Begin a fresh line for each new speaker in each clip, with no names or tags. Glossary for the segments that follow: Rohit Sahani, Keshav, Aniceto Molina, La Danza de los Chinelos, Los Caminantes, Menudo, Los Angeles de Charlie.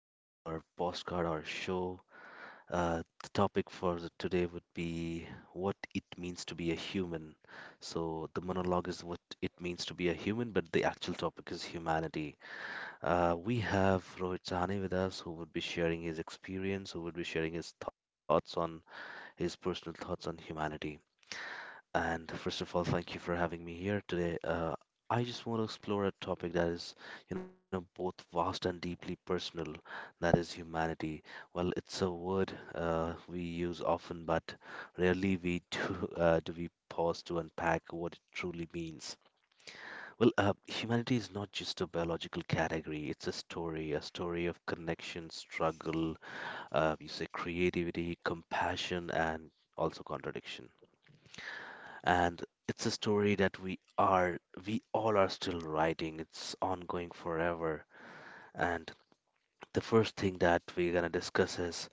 Welcome to our show. The topic for today would be what it means to be a human. So, the monologue is what it means to be a human, but the actual topic is humanity. We have Rohit Sahani with us, who would be sharing his experience, who would be sharing his personal thoughts on humanity. And first of all, thank you for having me here today. I just want to explore a topic that is, both vast and deeply personal, that is humanity. Well, it's a word we use often, but rarely we do do we pause to unpack what it truly means. Well, humanity is not just a biological category. It's a story of connection, struggle, you say creativity, compassion, and also contradiction and It's a story that we all are still writing. It's ongoing forever. And the first thing that we're gonna discuss is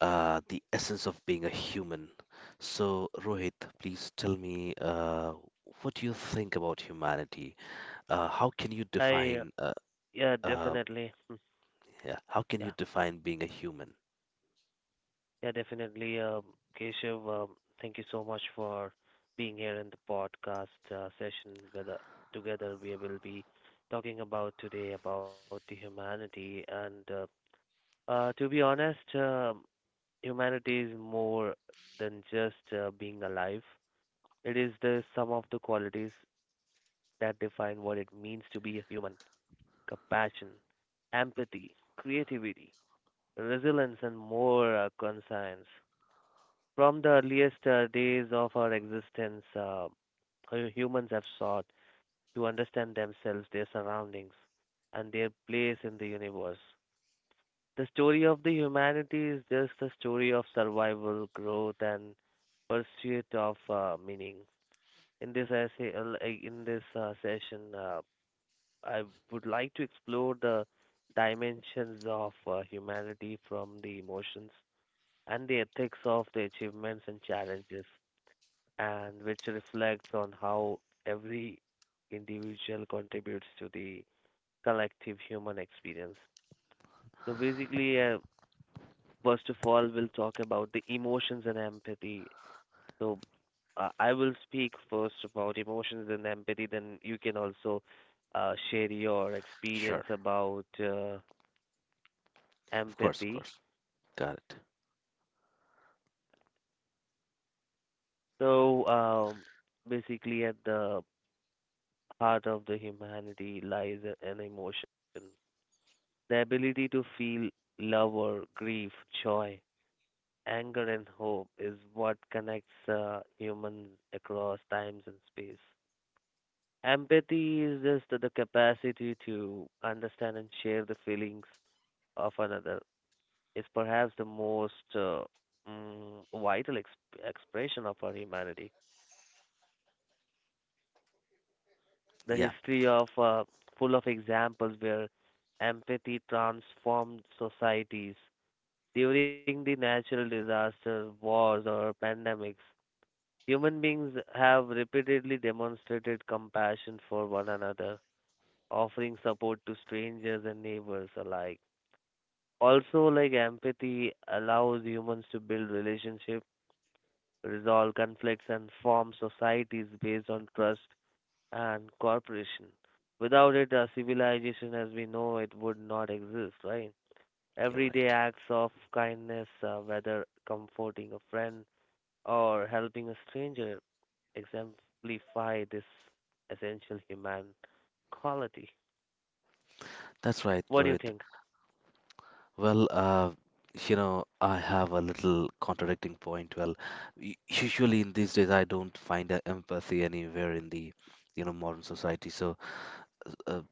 the essence of being a human. So Rohit, please tell me, what do you think about humanity? How can you
I
define
yeah,
uh,
definitely. Mm,
yeah, how can
Yeah,
you define being a human?
yeah, definitely. Keshav, thank you so much for being here in the podcast session. Whether together we will be talking about today about the humanity and to be honest, humanity is more than just being alive. It is the sum of the qualities that define what it means to be a human: compassion, empathy, creativity, resilience and more conscience. From the earliest days of our existence, humans have sought to understand themselves, their surroundings, and their place in the universe. The story of the humanity is just a story of survival, growth, and pursuit of meaning. In this session, I would like to explore the dimensions of humanity from the emotions and the ethics of the achievements and challenges, and which reflects on how every individual contributes to the collective human experience. So basically, first of all, we'll talk about the emotions and empathy. So I will speak first about emotions and empathy, then you can also share your experience
Sure.
about
Of course, of
empathy.
course. Got it.
So basically, at the heart of the humanity lies an emotion, the ability to feel love or grief, joy, anger, and hope is what connects humans across times and space. Empathy is just the capacity to understand and share the feelings of another. Is perhaps the most vital expression of our humanity. The
Yeah,
history of full of examples where empathy transformed societies during the natural disasters, wars, or pandemics. Human beings have repeatedly demonstrated compassion for one another, offering support to strangers and neighbors alike. Also, like empathy allows humans to build relationships, resolve conflicts, and form societies based on trust and cooperation. Without it, a civilization as we know it would not exist, right?
you're
Everyday
right.
acts of kindness, whether comforting a friend or helping a stranger, exemplify this essential human quality.
That's right,
What do you
Rohit.
think?
Well, you know, I have a little contradicting point. Well, usually in these days, I don't find empathy anywhere in the, you know, modern society. So, uh,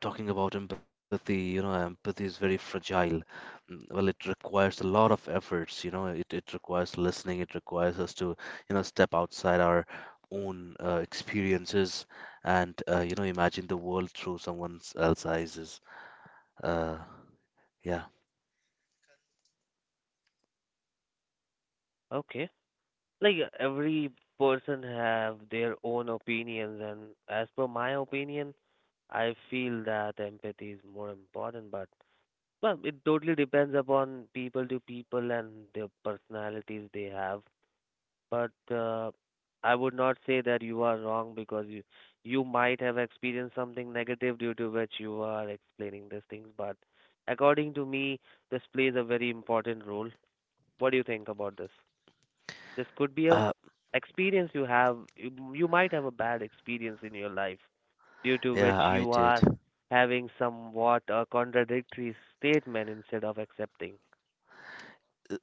talking about empathy, you know, empathy is very fragile. Mm, well, it requires a lot of efforts. You know, it requires listening. It requires us to, you know, step outside our own experiences and you know, imagine the world through someone else's eyes. Uh, yeah.
Okay. Like every person have their own opinions and as per my opinion, I feel that empathy is more important, but well, it totally depends upon people to people and the personalities they have. But I would not say that you are wrong because you might have experienced something negative due to which you are explaining these things. But according to me, this plays a very important role. What do you think about this? This could be a
Uh,
experience you have. You might have a bad experience in your life due to
yeah,
which
I
you
did.
are having somewhat a contradictory statement instead of accepting.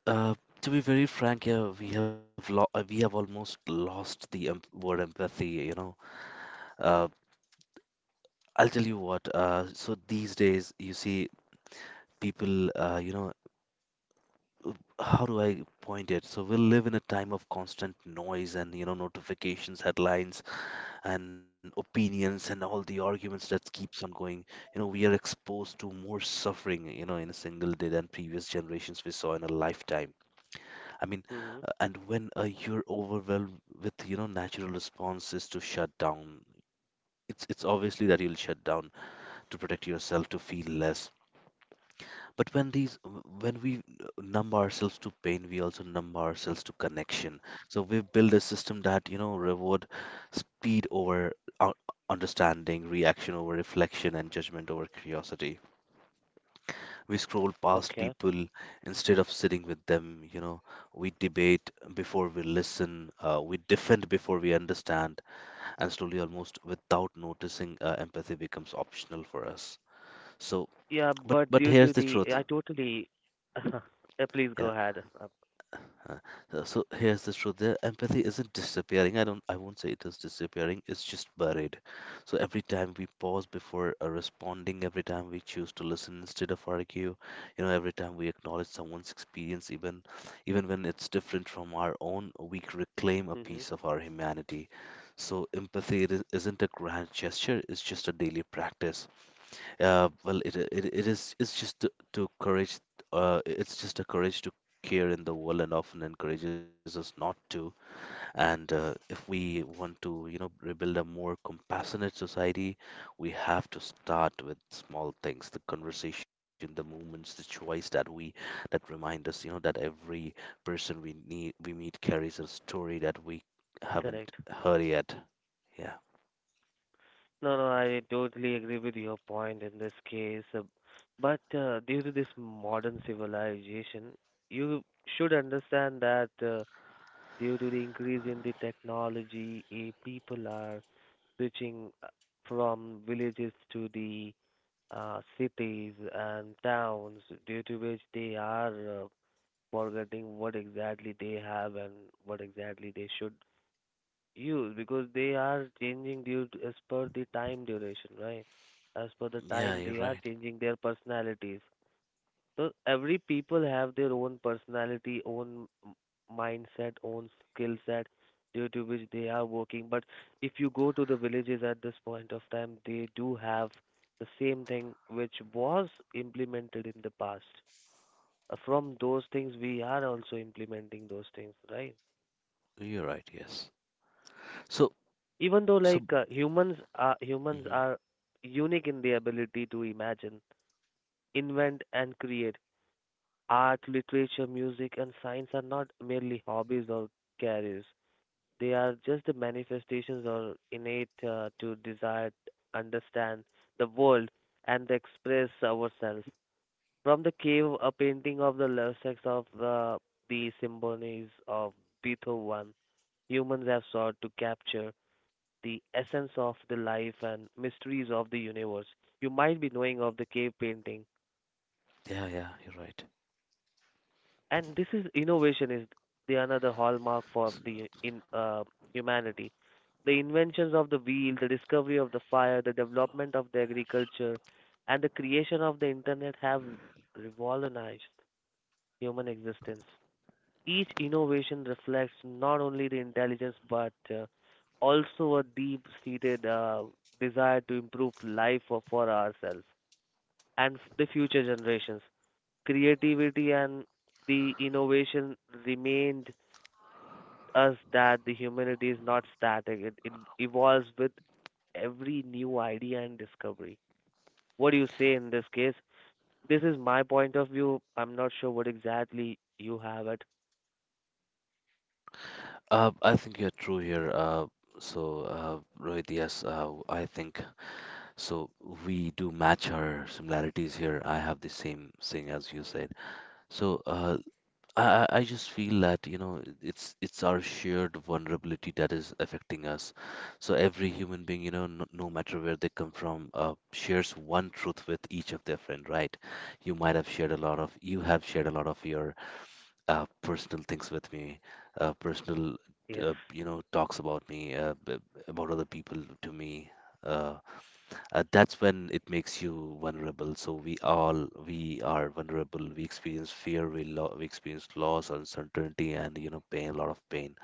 Uh, to be very frank, yeah, we have lo we have almost lost the word empathy, you know. Uh, I'll tell you what, so these days you see people, uh, how do I point it? So we live in a time of constant noise and, you know, notifications, headlines, and opinions and all the arguments that keeps on going. You know, we are exposed to more suffering, you know, in a single day than previous generations we saw in a lifetime. I mean,
Mm-hmm.
and when you're overwhelmed with, you know, natural responses to shut down, it's obviously that you'll shut down to protect yourself, to feel less. But when we numb ourselves to pain, we also numb ourselves to connection. So we build a system that, you know, reward speed over uh, understanding, reaction over reflection, and judgment over curiosity. We scroll
Okay.
past people instead of sitting with them, you know. We debate before we listen, we defend before we understand, and slowly, almost without noticing, empathy becomes optional for us. So,
Yeah, but
but
due to
here's the
the, I
truth.
totally. Please go
yeah.
ahead.
Uh, so here's the truth, there, empathy isn't disappearing. I don't, I won't say it is disappearing, it's just buried. So every time we pause before responding, every time we choose to listen instead of argue, you know, every time we acknowledge someone's experience, even when it's different from our own, we reclaim a
Mm-hmm.
piece of our humanity. So empathy isn't a grand gesture, it's just a daily practice. It's just to courage. It's just a courage to care in the world, and often encourages us not to. And if we want to, you know, rebuild a more compassionate society, we have to start with small things: the conversation, the movements, the choice that we that remind us, you know, that every person we meet carries a story that we haven't
Correct.
heard yet. Yeah,
No, no, I totally agree with your point in this case. But due to this modern civilization, you should understand that due to the increase in the technology, people are switching from villages to the cities and towns, due to which they are forgetting what exactly they have and what exactly they should use because they are changing due to, as per the time duration, right? As per the
yeah,
time
you're
they are
right.
changing their personalities. So every people have their own personality, mindset, own skill set due to which they are working. But if you go to the villages at this point of time, they do have the same thing which was implemented in the past from those things we are also implementing those things right
You're right. Yes. So,
even though like
so.
humans
Mm-hmm.
are unique in the ability to imagine invent and create art literature music and science are not merely hobbies or careers they are just the manifestations or innate to desire to understand the world and express ourselves. From the cave, a painting of the Lossex of the symphonies of Beethoven, humans have sought to capture the essence of the life and mysteries of the universe. You might be knowing of the cave painting,
Yeah, yeah, you're right.
and this is innovation is the another hallmark for the in humanity. The inventions of the wheel, the discovery of the fire, the development of the agriculture, and the creation of the internet have revolutionized human existence. Each innovation reflects not only the intelligence but also a deep-seated desire to improve life for ourselves and the future generations. Creativity and the innovation remind us that the humanity is not static; it evolves with every new idea and discovery. What do you say in this case? This is my point of view. I'm not sure what exactly you have it.
I think you're true here. Rohit, yes, I think so. We do match our similarities here. I have the same thing as you said. So, I just feel that you know it's our shared vulnerability that is affecting us. So every human being, you know, no matter where they come from, shares one truth with each of their friend, right? You might have shared you have shared a lot of your personal things with me, uh, personal,
Yes,
you know, talks about me, about other people to me. Uh, that's when it makes you vulnerable. So we are vulnerable. We experience fear, we experience loss, uncertainty, and you know, pain, a lot of pain.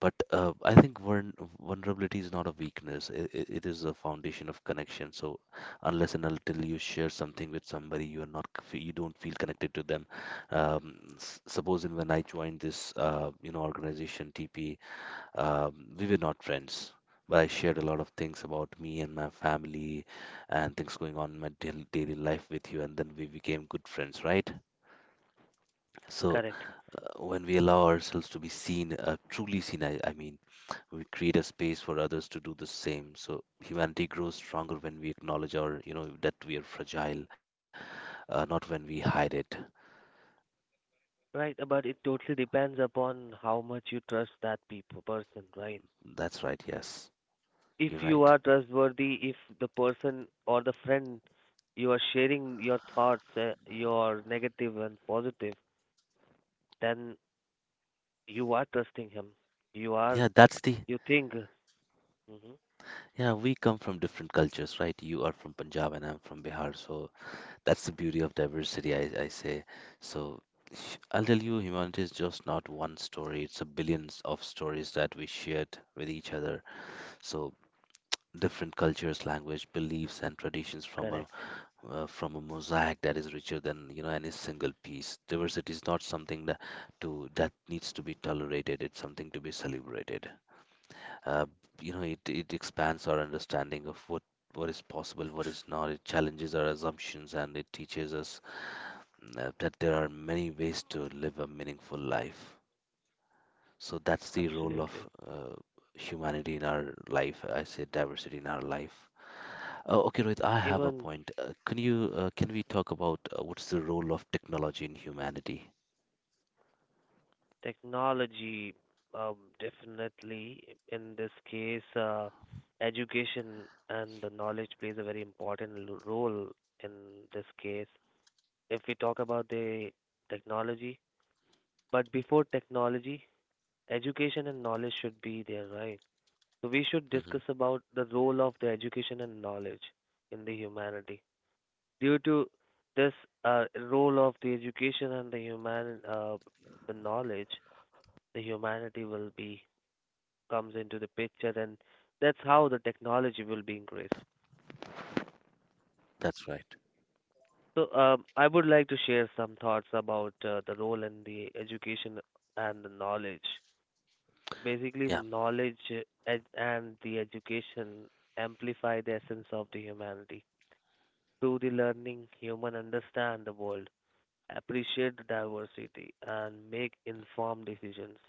But I think vulnerability is not a weakness. It is a foundation of connection. So unless and until you share something with somebody, you are not c- you don't feel connected to them. Supposing when I joined this you know organization TP, we were not friends. But I shared a lot of things about me and my family and things going on in my daily life with you, and then we became good friends, right? So
correct.
when we allow ourselves to be seen, truly seen, I mean we create a space for others to do the same. So humanity grows stronger when we acknowledge our you know that we are fragile, not when we hide it.
Right, but it totally depends upon how much you trust that people person, right?
That's right, yes.
If
You're
you
right.
are trustworthy, if the person or the friend you are sharing your thoughts, your negative and positive, then you are trusting him. You are,
Yeah, that's the.
you think. Hmm.
Yeah, we come from different cultures, right? You are from Punjab and I'm from Bihar. So that's the beauty of diversity, I say. So I'll tell you, humanity is just not one story, it's a billions of stories that we shared with each other. So different cultures, language, beliefs, and traditions
Correct.
from a mosaic that is richer than, you know, any single piece. Diversity is not something that to that needs to be tolerated. It's something to be celebrated. Uh, you know, it expands our understanding of what is possible, what is not. It challenges our assumptions and it teaches us that there are many ways to live a meaningful life. So that's the role
Absolutely.
of uh, humanity in our life. I say diversity in our life. Okay, Rohit, I have a
Even
point. Can we talk about what's the role of technology in humanity?
technology, definitely. In this case, education and the knowledge plays a very important role in this case. If we talk about the technology, but before technology, education and knowledge should be there, right? So we should
Hmm.
discuss about the role of the education and knowledge in the humanity. Due to this role of the education and the knowledge, the humanity will be comes into the picture, and that's how the technology will be increased.
That's right.
So, I would like to share some thoughts about the role in the education and the knowledge. Basically,
Yeah,
knowledge and the education amplify the essence of the humanity. Through the learning, human understand the world, appreciate the diversity, and make informed decisions.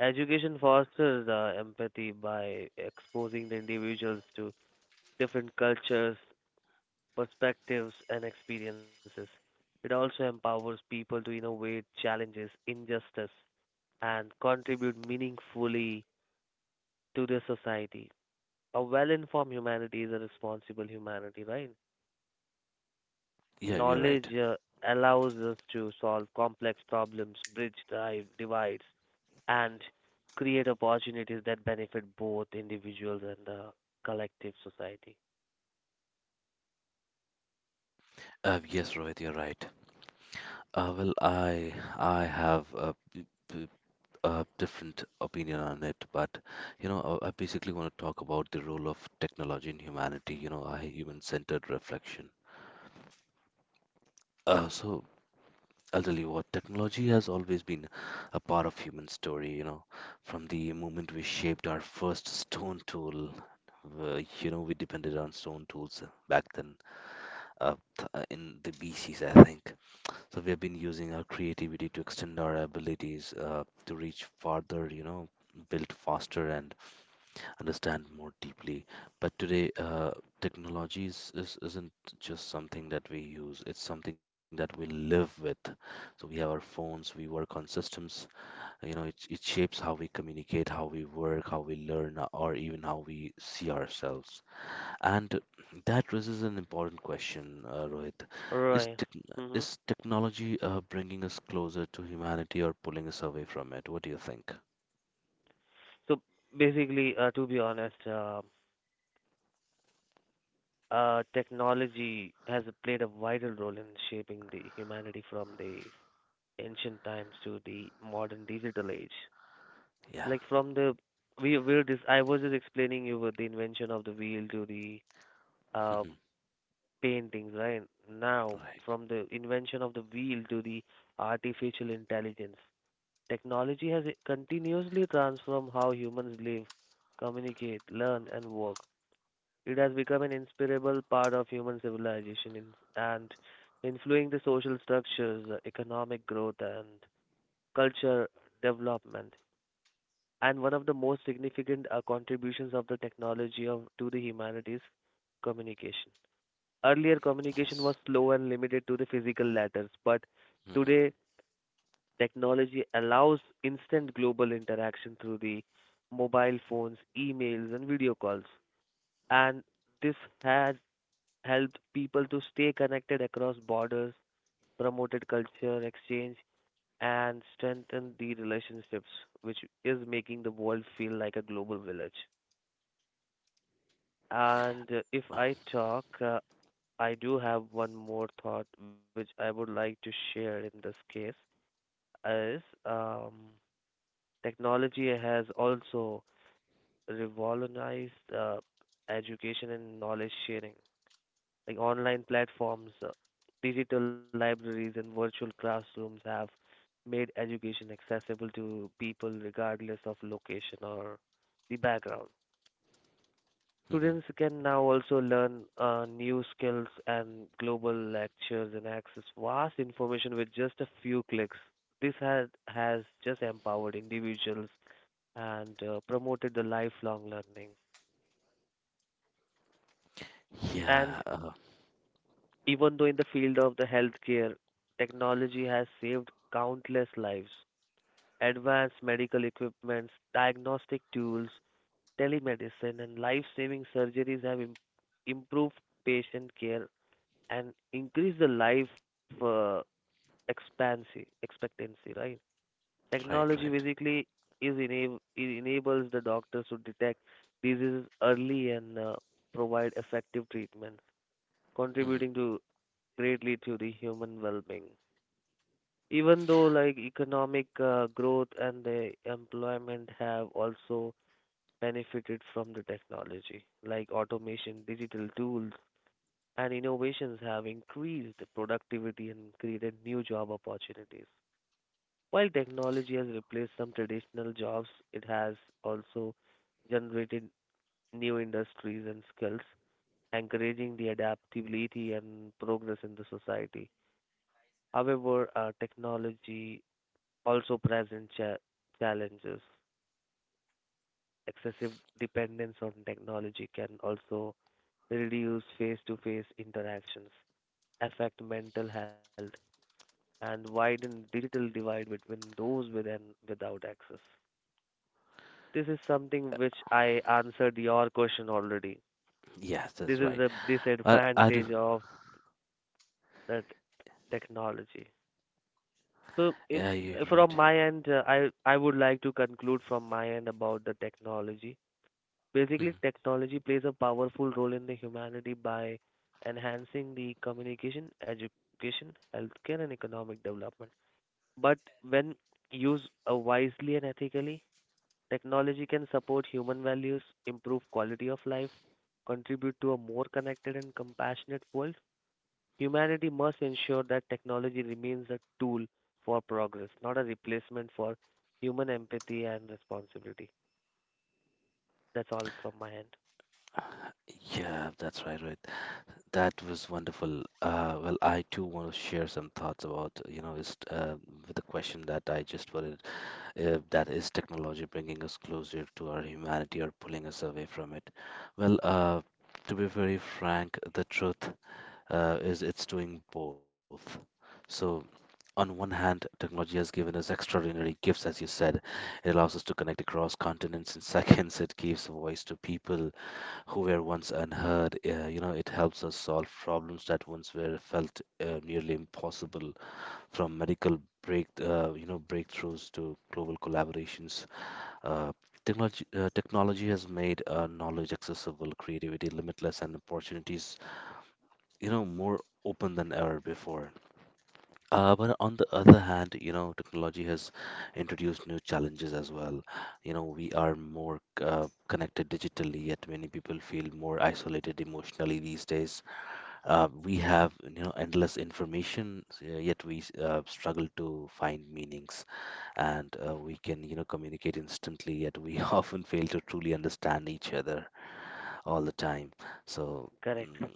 Education fosters empathy by exposing the individuals to different cultures, perspectives, and experiences. It also empowers people to innovate, challenges injustice, and contribute meaningfully to the society. A well informed humanity is a responsible humanity, right?
yeah, you're right.
Knowledge allows us to solve complex problems, bridge divides, and create opportunities that benefit both individuals and the collective society.
Yes, Rohit, you're right. Well, I have a, b- a different opinion on it, but you know, I basically want to talk about the role of technology in humanity. You know, a human-centered reflection. So I'll tell you what, technology has always been a part of human story, you know, from the moment we shaped our first stone tool. You know, we depended on stone tools back then, in the BCs, I think. So we have been using our creativity to extend our abilities, to reach farther, you know, build faster and understand more deeply. But today, technology isn't just something that we use, it's something that we live with. So we have our phones, we work on systems, you know, it shapes how we communicate, how we work, how we learn, or even how we see ourselves. And that raises an important question, Rohit. Is,
Right.
tech
Hmm.
is technology bringing us closer to humanity or pulling us away from it? What do you think?
So basically, to be honest, technology has played a vital role in shaping the humanity from the ancient times to the modern digital age.
Yeah.
Like from the we were this I was just explaining you with the invention of the wheel to the um, paintings, right? Now
Right.
from the invention of the wheel to the artificial intelligence, technology has continuously transformed how humans live, communicate, learn, and work. It has become an inseparable part of human civilization in, and influencing the social structures, economic growth, and culture development. And one of the most significant contributions of the technology of, to the humanities communication. Earlier, communication
Yes.
was slow and limited to the physical letters, but
Mhm.
today, technology allows instant global interaction through the mobile phones, emails, and video calls. And this has helped people to stay connected across borders, promoted culture exchange, and strengthened the relationships, which is making the world feel like a global village. And if I talk, I do have one more thought which I would like to share in this case is technology has also revolutionized education and knowledge sharing like online platforms, digital libraries, and virtual classrooms have made education accessible to people regardless of location or the background.
Hmm.
Students can now also learn new skills and global lectures and access vast information with just a few clicks. This has just empowered individuals and promoted the lifelong learning.
Yeah,
And even though in the field of the healthcare, technology has saved countless lives. Advanced medical equipments, diagnostic tools, telemedicine, and life-saving surgeries have improved patient care and increased the life expectancy, right?
right,
Technology
right.
basically it enables the doctors to detect diseases early and provide effective treatment,
Hmm.
contributing to greatly to the human well-being. Even though like economic growth and the employment have also benefited from the technology, like automation, digital tools, and innovations have increased productivity and created new job opportunities. While technology has replaced some traditional jobs, it has also generated new industries and skills, encouraging the adaptability and progress in the society. However, technology also present challenges. Excessive dependence on technology can also reduce face to face interactions, affect mental health, and widen digital divide between those with and without access. This is something which I answered your question already.
Yes, that's
This is
right.
the
I do.
disadvantage of that technology. So, if,
Yeah, you're
from
right.
my end, I would like to conclude from my end about the technology. Basically,
Hmm.
technology plays a powerful role in the humanity by enhancing the communication, education, healthcare, and economic development. But when used wisely and ethically, technology can support human values, improve quality of life, contribute to a more connected and compassionate world. Humanity must ensure that technology remains a tool for progress, not a replacement for human empathy and responsibility. That's all from my end.
Yeah, that's right, right. That was wonderful. Well, I too want to share some thoughts about, you know, is with the question that I just put it, that is technology bringing us closer to our humanity or pulling us away from it? Well, to be very frank, the truth is it's doing both. So on one hand, technology has given us extraordinary gifts, as you said. It allows us to connect across continents in seconds. It gives voice to people who were once unheard. You know, it helps us solve problems that once were felt nearly impossible, from medical you know, breakthroughs to global collaborations. Uh, technology has made knowledge accessible, creativity limitless, and opportunities, you know, more open than ever before. But on the other hand, you know, technology has introduced new challenges as well. You know, we are more connected digitally, yet many people feel more isolated emotionally these days. We have, you know, endless information, yet we struggle to find meanings and we can, you know, communicate instantly, yet we often fail to truly understand each other all the time. So,
Correct.
mm,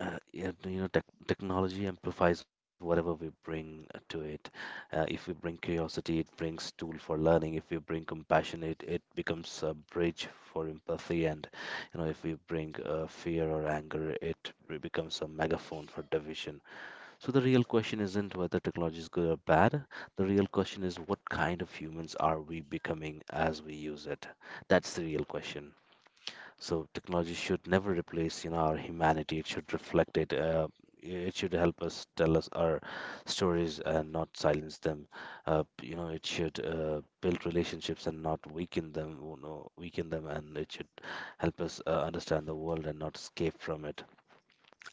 yeah, you know, technology amplifies whatever we bring to it. If we bring curiosity, it brings tool for learning. If we bring compassion, it becomes a bridge for empathy. And, you know, if we bring fear or anger, becomes a megaphone for division. So the real question isn't whether technology is good or bad. The real question is what kind of humans are we becoming as we use it? That's the real question. So technology should never replace, you know, our humanity. It should reflect it. It should help us tell us our stories and not silence them. You know, it should build relationships and not weaken them. You know, weaken them, and it should help us understand the world and not escape from it.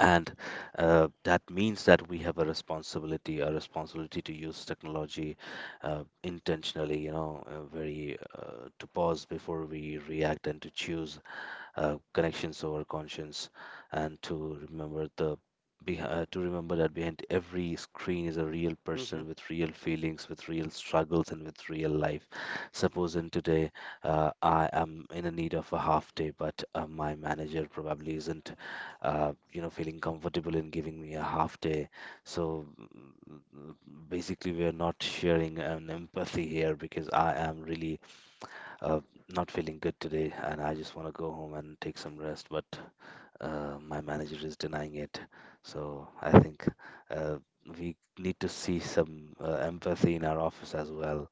And that means that we have a responsibility to use technology intentionally. You know, very to pause before we react and to choose connections over conscience, and to remember to remember that behind every screen is a real
Mhm.
person with real feelings, with real struggles, and with real life. Suppose in today I am in a need of a half day, but my manager probably isn't, you know, feeling comfortable in giving me a half day. So mm, Basically, we are not sharing an empathy here because I am really uh, not feeling good today and I just want to go home and take some rest, but my manager is denying it. So I think uh, we need to see some empathy in our office as well.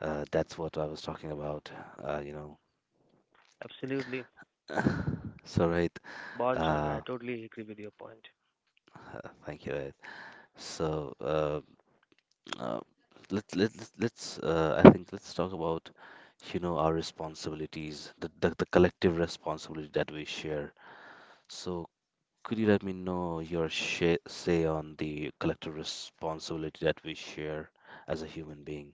That's what I was talking about, uh, you know.
Absolutely.
So, right,
Bonjour,
uh,
I totally agree with your point.
thank you, right. So, uh, I think let's talk about, you know, our responsibilities, the collective responsibility that we share. So, could you let me know your sh say on the collective responsibility that we share as a human being?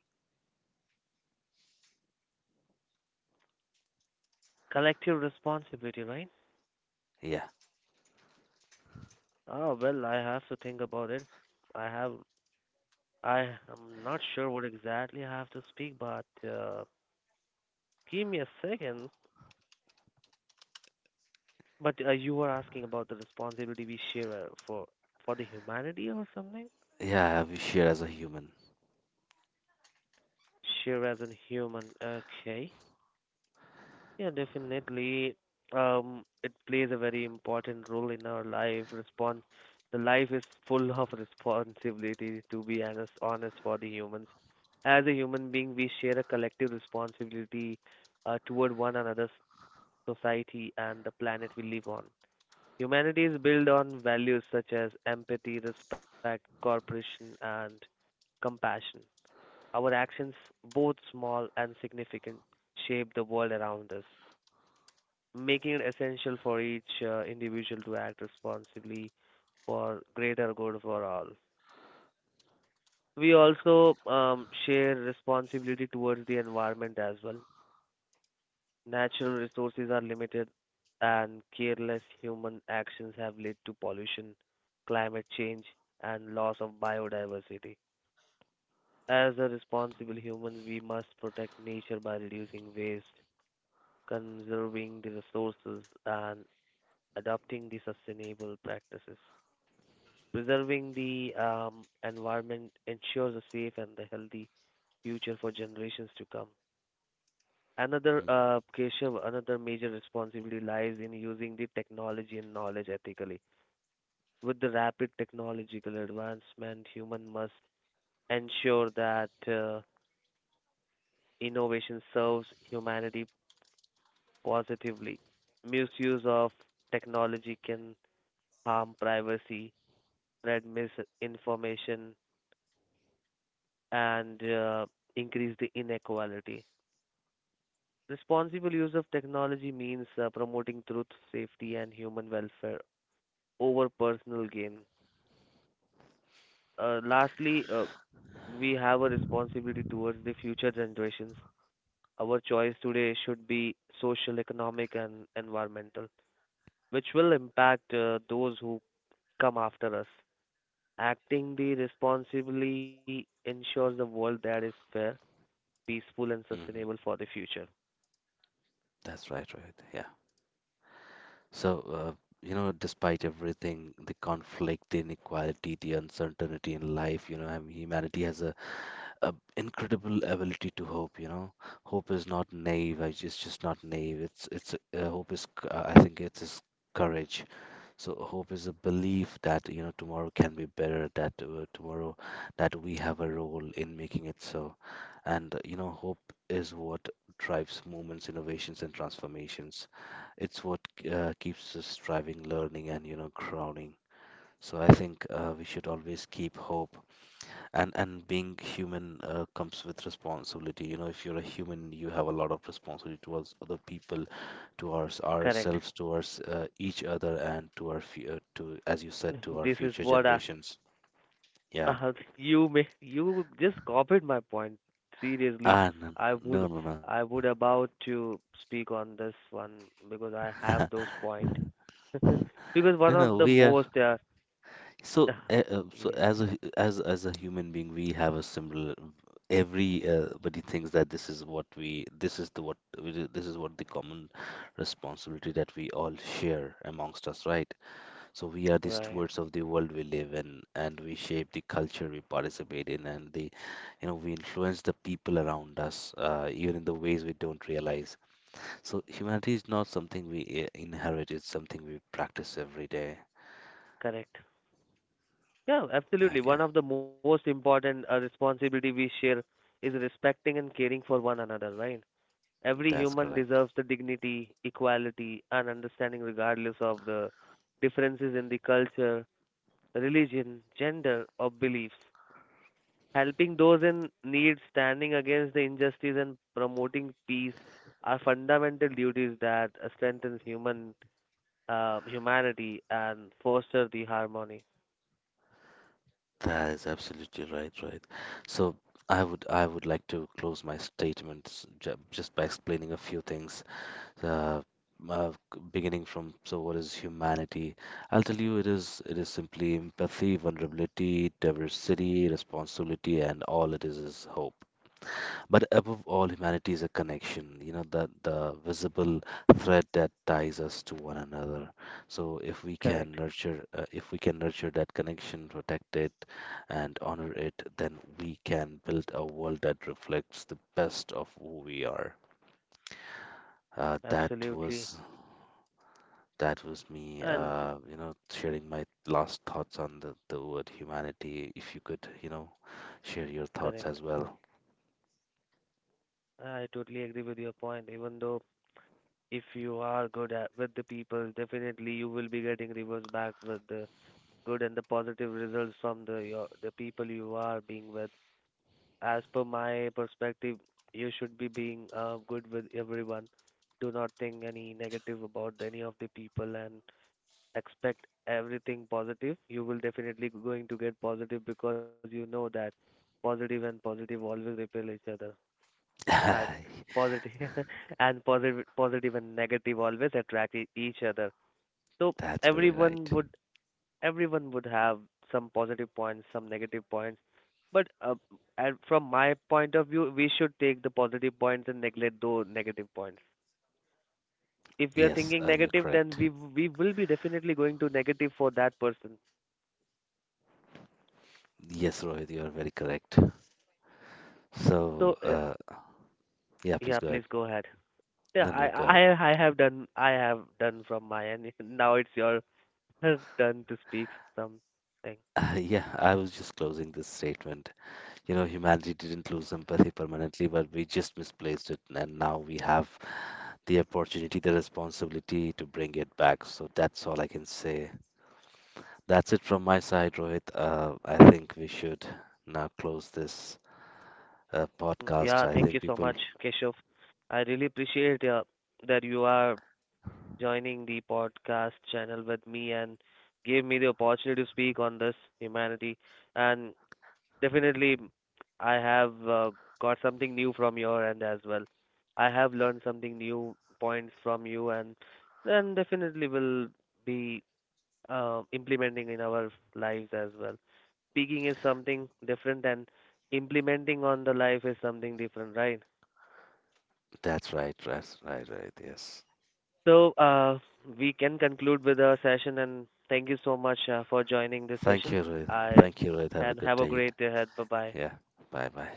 Collective responsibility, right?
Yeah,
Ah, well, I have to think about it. I have, I am not sure what exactly I have to speak, but give me a second. But you were asking about the responsibility we share for the humanity or something?
yeah, we share as a human.
Share as in human, okay. Yeah, definitely. It plays a very important role in our life. Respons The life is full of responsibility, to be honest, honest for the humans. As a human being, we share a collective responsibility toward one another's society and the planet we live on. Humanity is built on values such as empathy, respect, cooperation, and compassion. Our actions, both small and significant, shape the world around us, making it essential for each individual to act responsibly for greater good for all. We also share responsibility towards the environment as well. Natural resources are limited, and careless human actions have led to pollution, climate change, and loss of biodiversity. As a responsible humans, we must protect nature by reducing waste, conserving the resources, and adopting the sustainable practices. Preserving the environment ensures a safe and a healthy future for generations to come. Another, Keshav, another major responsibility lies in using the technology and knowledge ethically. With the rapid technological advancement, human must ensure that innovation serves humanity positively. Misuse of technology can harm privacy, spread misinformation, and increase the inequality. Responsible use of technology means promoting truth, safety, and human welfare over personal gain. Lastly, we have a responsibility towards the future generations. Our choice today should be social, economic, and environmental, which will impact those who come after us. Acting the responsibly ensures a world that is fair, peaceful, and
Mm-hmm.
sustainable
Mm-hmm.
for the future.
That's right, right. Yeah. So, you know, despite everything, the conflict, the inequality, the uncertainty in life, you know, I mean, humanity has a incredible ability to hope, you know. Hope is not naive. I just not naive, it's hope is I think it is courage. So hope is a belief that, you know, tomorrow can be better, that tomorrow that we have a role in making it so. And you know, hope is what drives movements, innovations, and transformations. It's what keeps us striving, learning, and, you know, crowning. So I think we should always keep hope. And being human comes with responsibility. You know, if you're a human, you have a lot of responsibility towards other people, towards
Correct.
ourselves, towards each other, and to to, as you said, to our
This is
future
what I,
generations. Yeah,
uh, you may you just copied my point. Seriously,
ah, no,
I
no,
would
no, no, no,
I would about to speak on this one because I have those point. Because
no,
one
no,
of the
we are
most
so so
yeah,
as as a human being we have a similar. Everybody thinks that this is what the common responsibility that we all share amongst us, right? So we are the
right,
stewards of the world we live in, and we shape the culture we participate in, and you know, we influence the people around us, even in the ways we don't realize. So humanity is not something we inherit; it's something we practice every day.
correct. Yeah, absolutely.
Okay,
One of the most important responsibility we share is respecting and caring for one another, right? Every
that's
human
correct.
deserves the dignity, equality, and understanding regardless of the differences in the culture, religion, gender, or beliefs. Helping those in need, standing against the injustice, and promoting peace are fundamental duties that strengthen humanity and foster the harmony.
That is absolutely right, right. So I would like to close my statements just by explaining a few things. uh, uh, Beginning from, so what is humanity? I'll tell you, it is simply empathy, vulnerability, diversity, responsibility, and all it is hope. But above all, humanity is a connection, you know, that the visible thread that ties us to one another. So if we can
Correct.
nurture, if we can nurture that connection, protect it and honor it, then we can build a world that reflects the best of who we are. uh, that
Absolutely.
was That was me,
And
you know, sharing my last thoughts on the word humanity. If you could, you know, share your thoughts
correct.
as well.
I totally agree with your point. Even though if you are good at, with the people, definitely you will be getting rewards back with the good and the positive results from the your the people you are being with. As per my perspective, you should be being good with everyone. Do not think any negative about any of the people and expect everything positive. You will definitely going to get positive because you know that positive and positive always repel each other,
That's
and positive and positive positive and negative always attract each other. So
very right.
everyone would everyone would have some positive points, some negative points. But and from my point of view, we should take the positive points and neglect those negative points. If we are
Yes,
thinking
you're
negative, then
correct.
we will be definitely going to negative for that person.
Yes, Rohit, you are very correct. So,
So
yeah, please
yeah,
go ahead.
please go ahead. Yeah,
No,
I
no, go ahead.
I I have done I have done from my end. Now it's your turn to speak something.
Yeah, I was just closing this statement. You know, humanity didn't lose empathy permanently, but we just misplaced it, and now we have the opportunity, the responsibility to bring it back. So that's all I can say. That's it from my side, Rohit. I think we should now close this
Mm, yeah,
podcast. I
thank you
think
so
people,
much, Keshav. I really appreciate that you are joining the podcast channel with me and gave me the opportunity to speak on this humanity. And definitely, I have got something new from your end as well. I have learned something new points from you, and then definitely will be implementing in our lives as well. Speaking is something different, and implementing on the life is something different, right?
that's right, right, yes.
So we can conclude with our session, and thank you so much for joining this
Thank
session.
you, Rohit.
I
Thank you, Rohit. Have a
and
good
have a
day.
great day ahead. Bye bye.
Yeah, bye bye.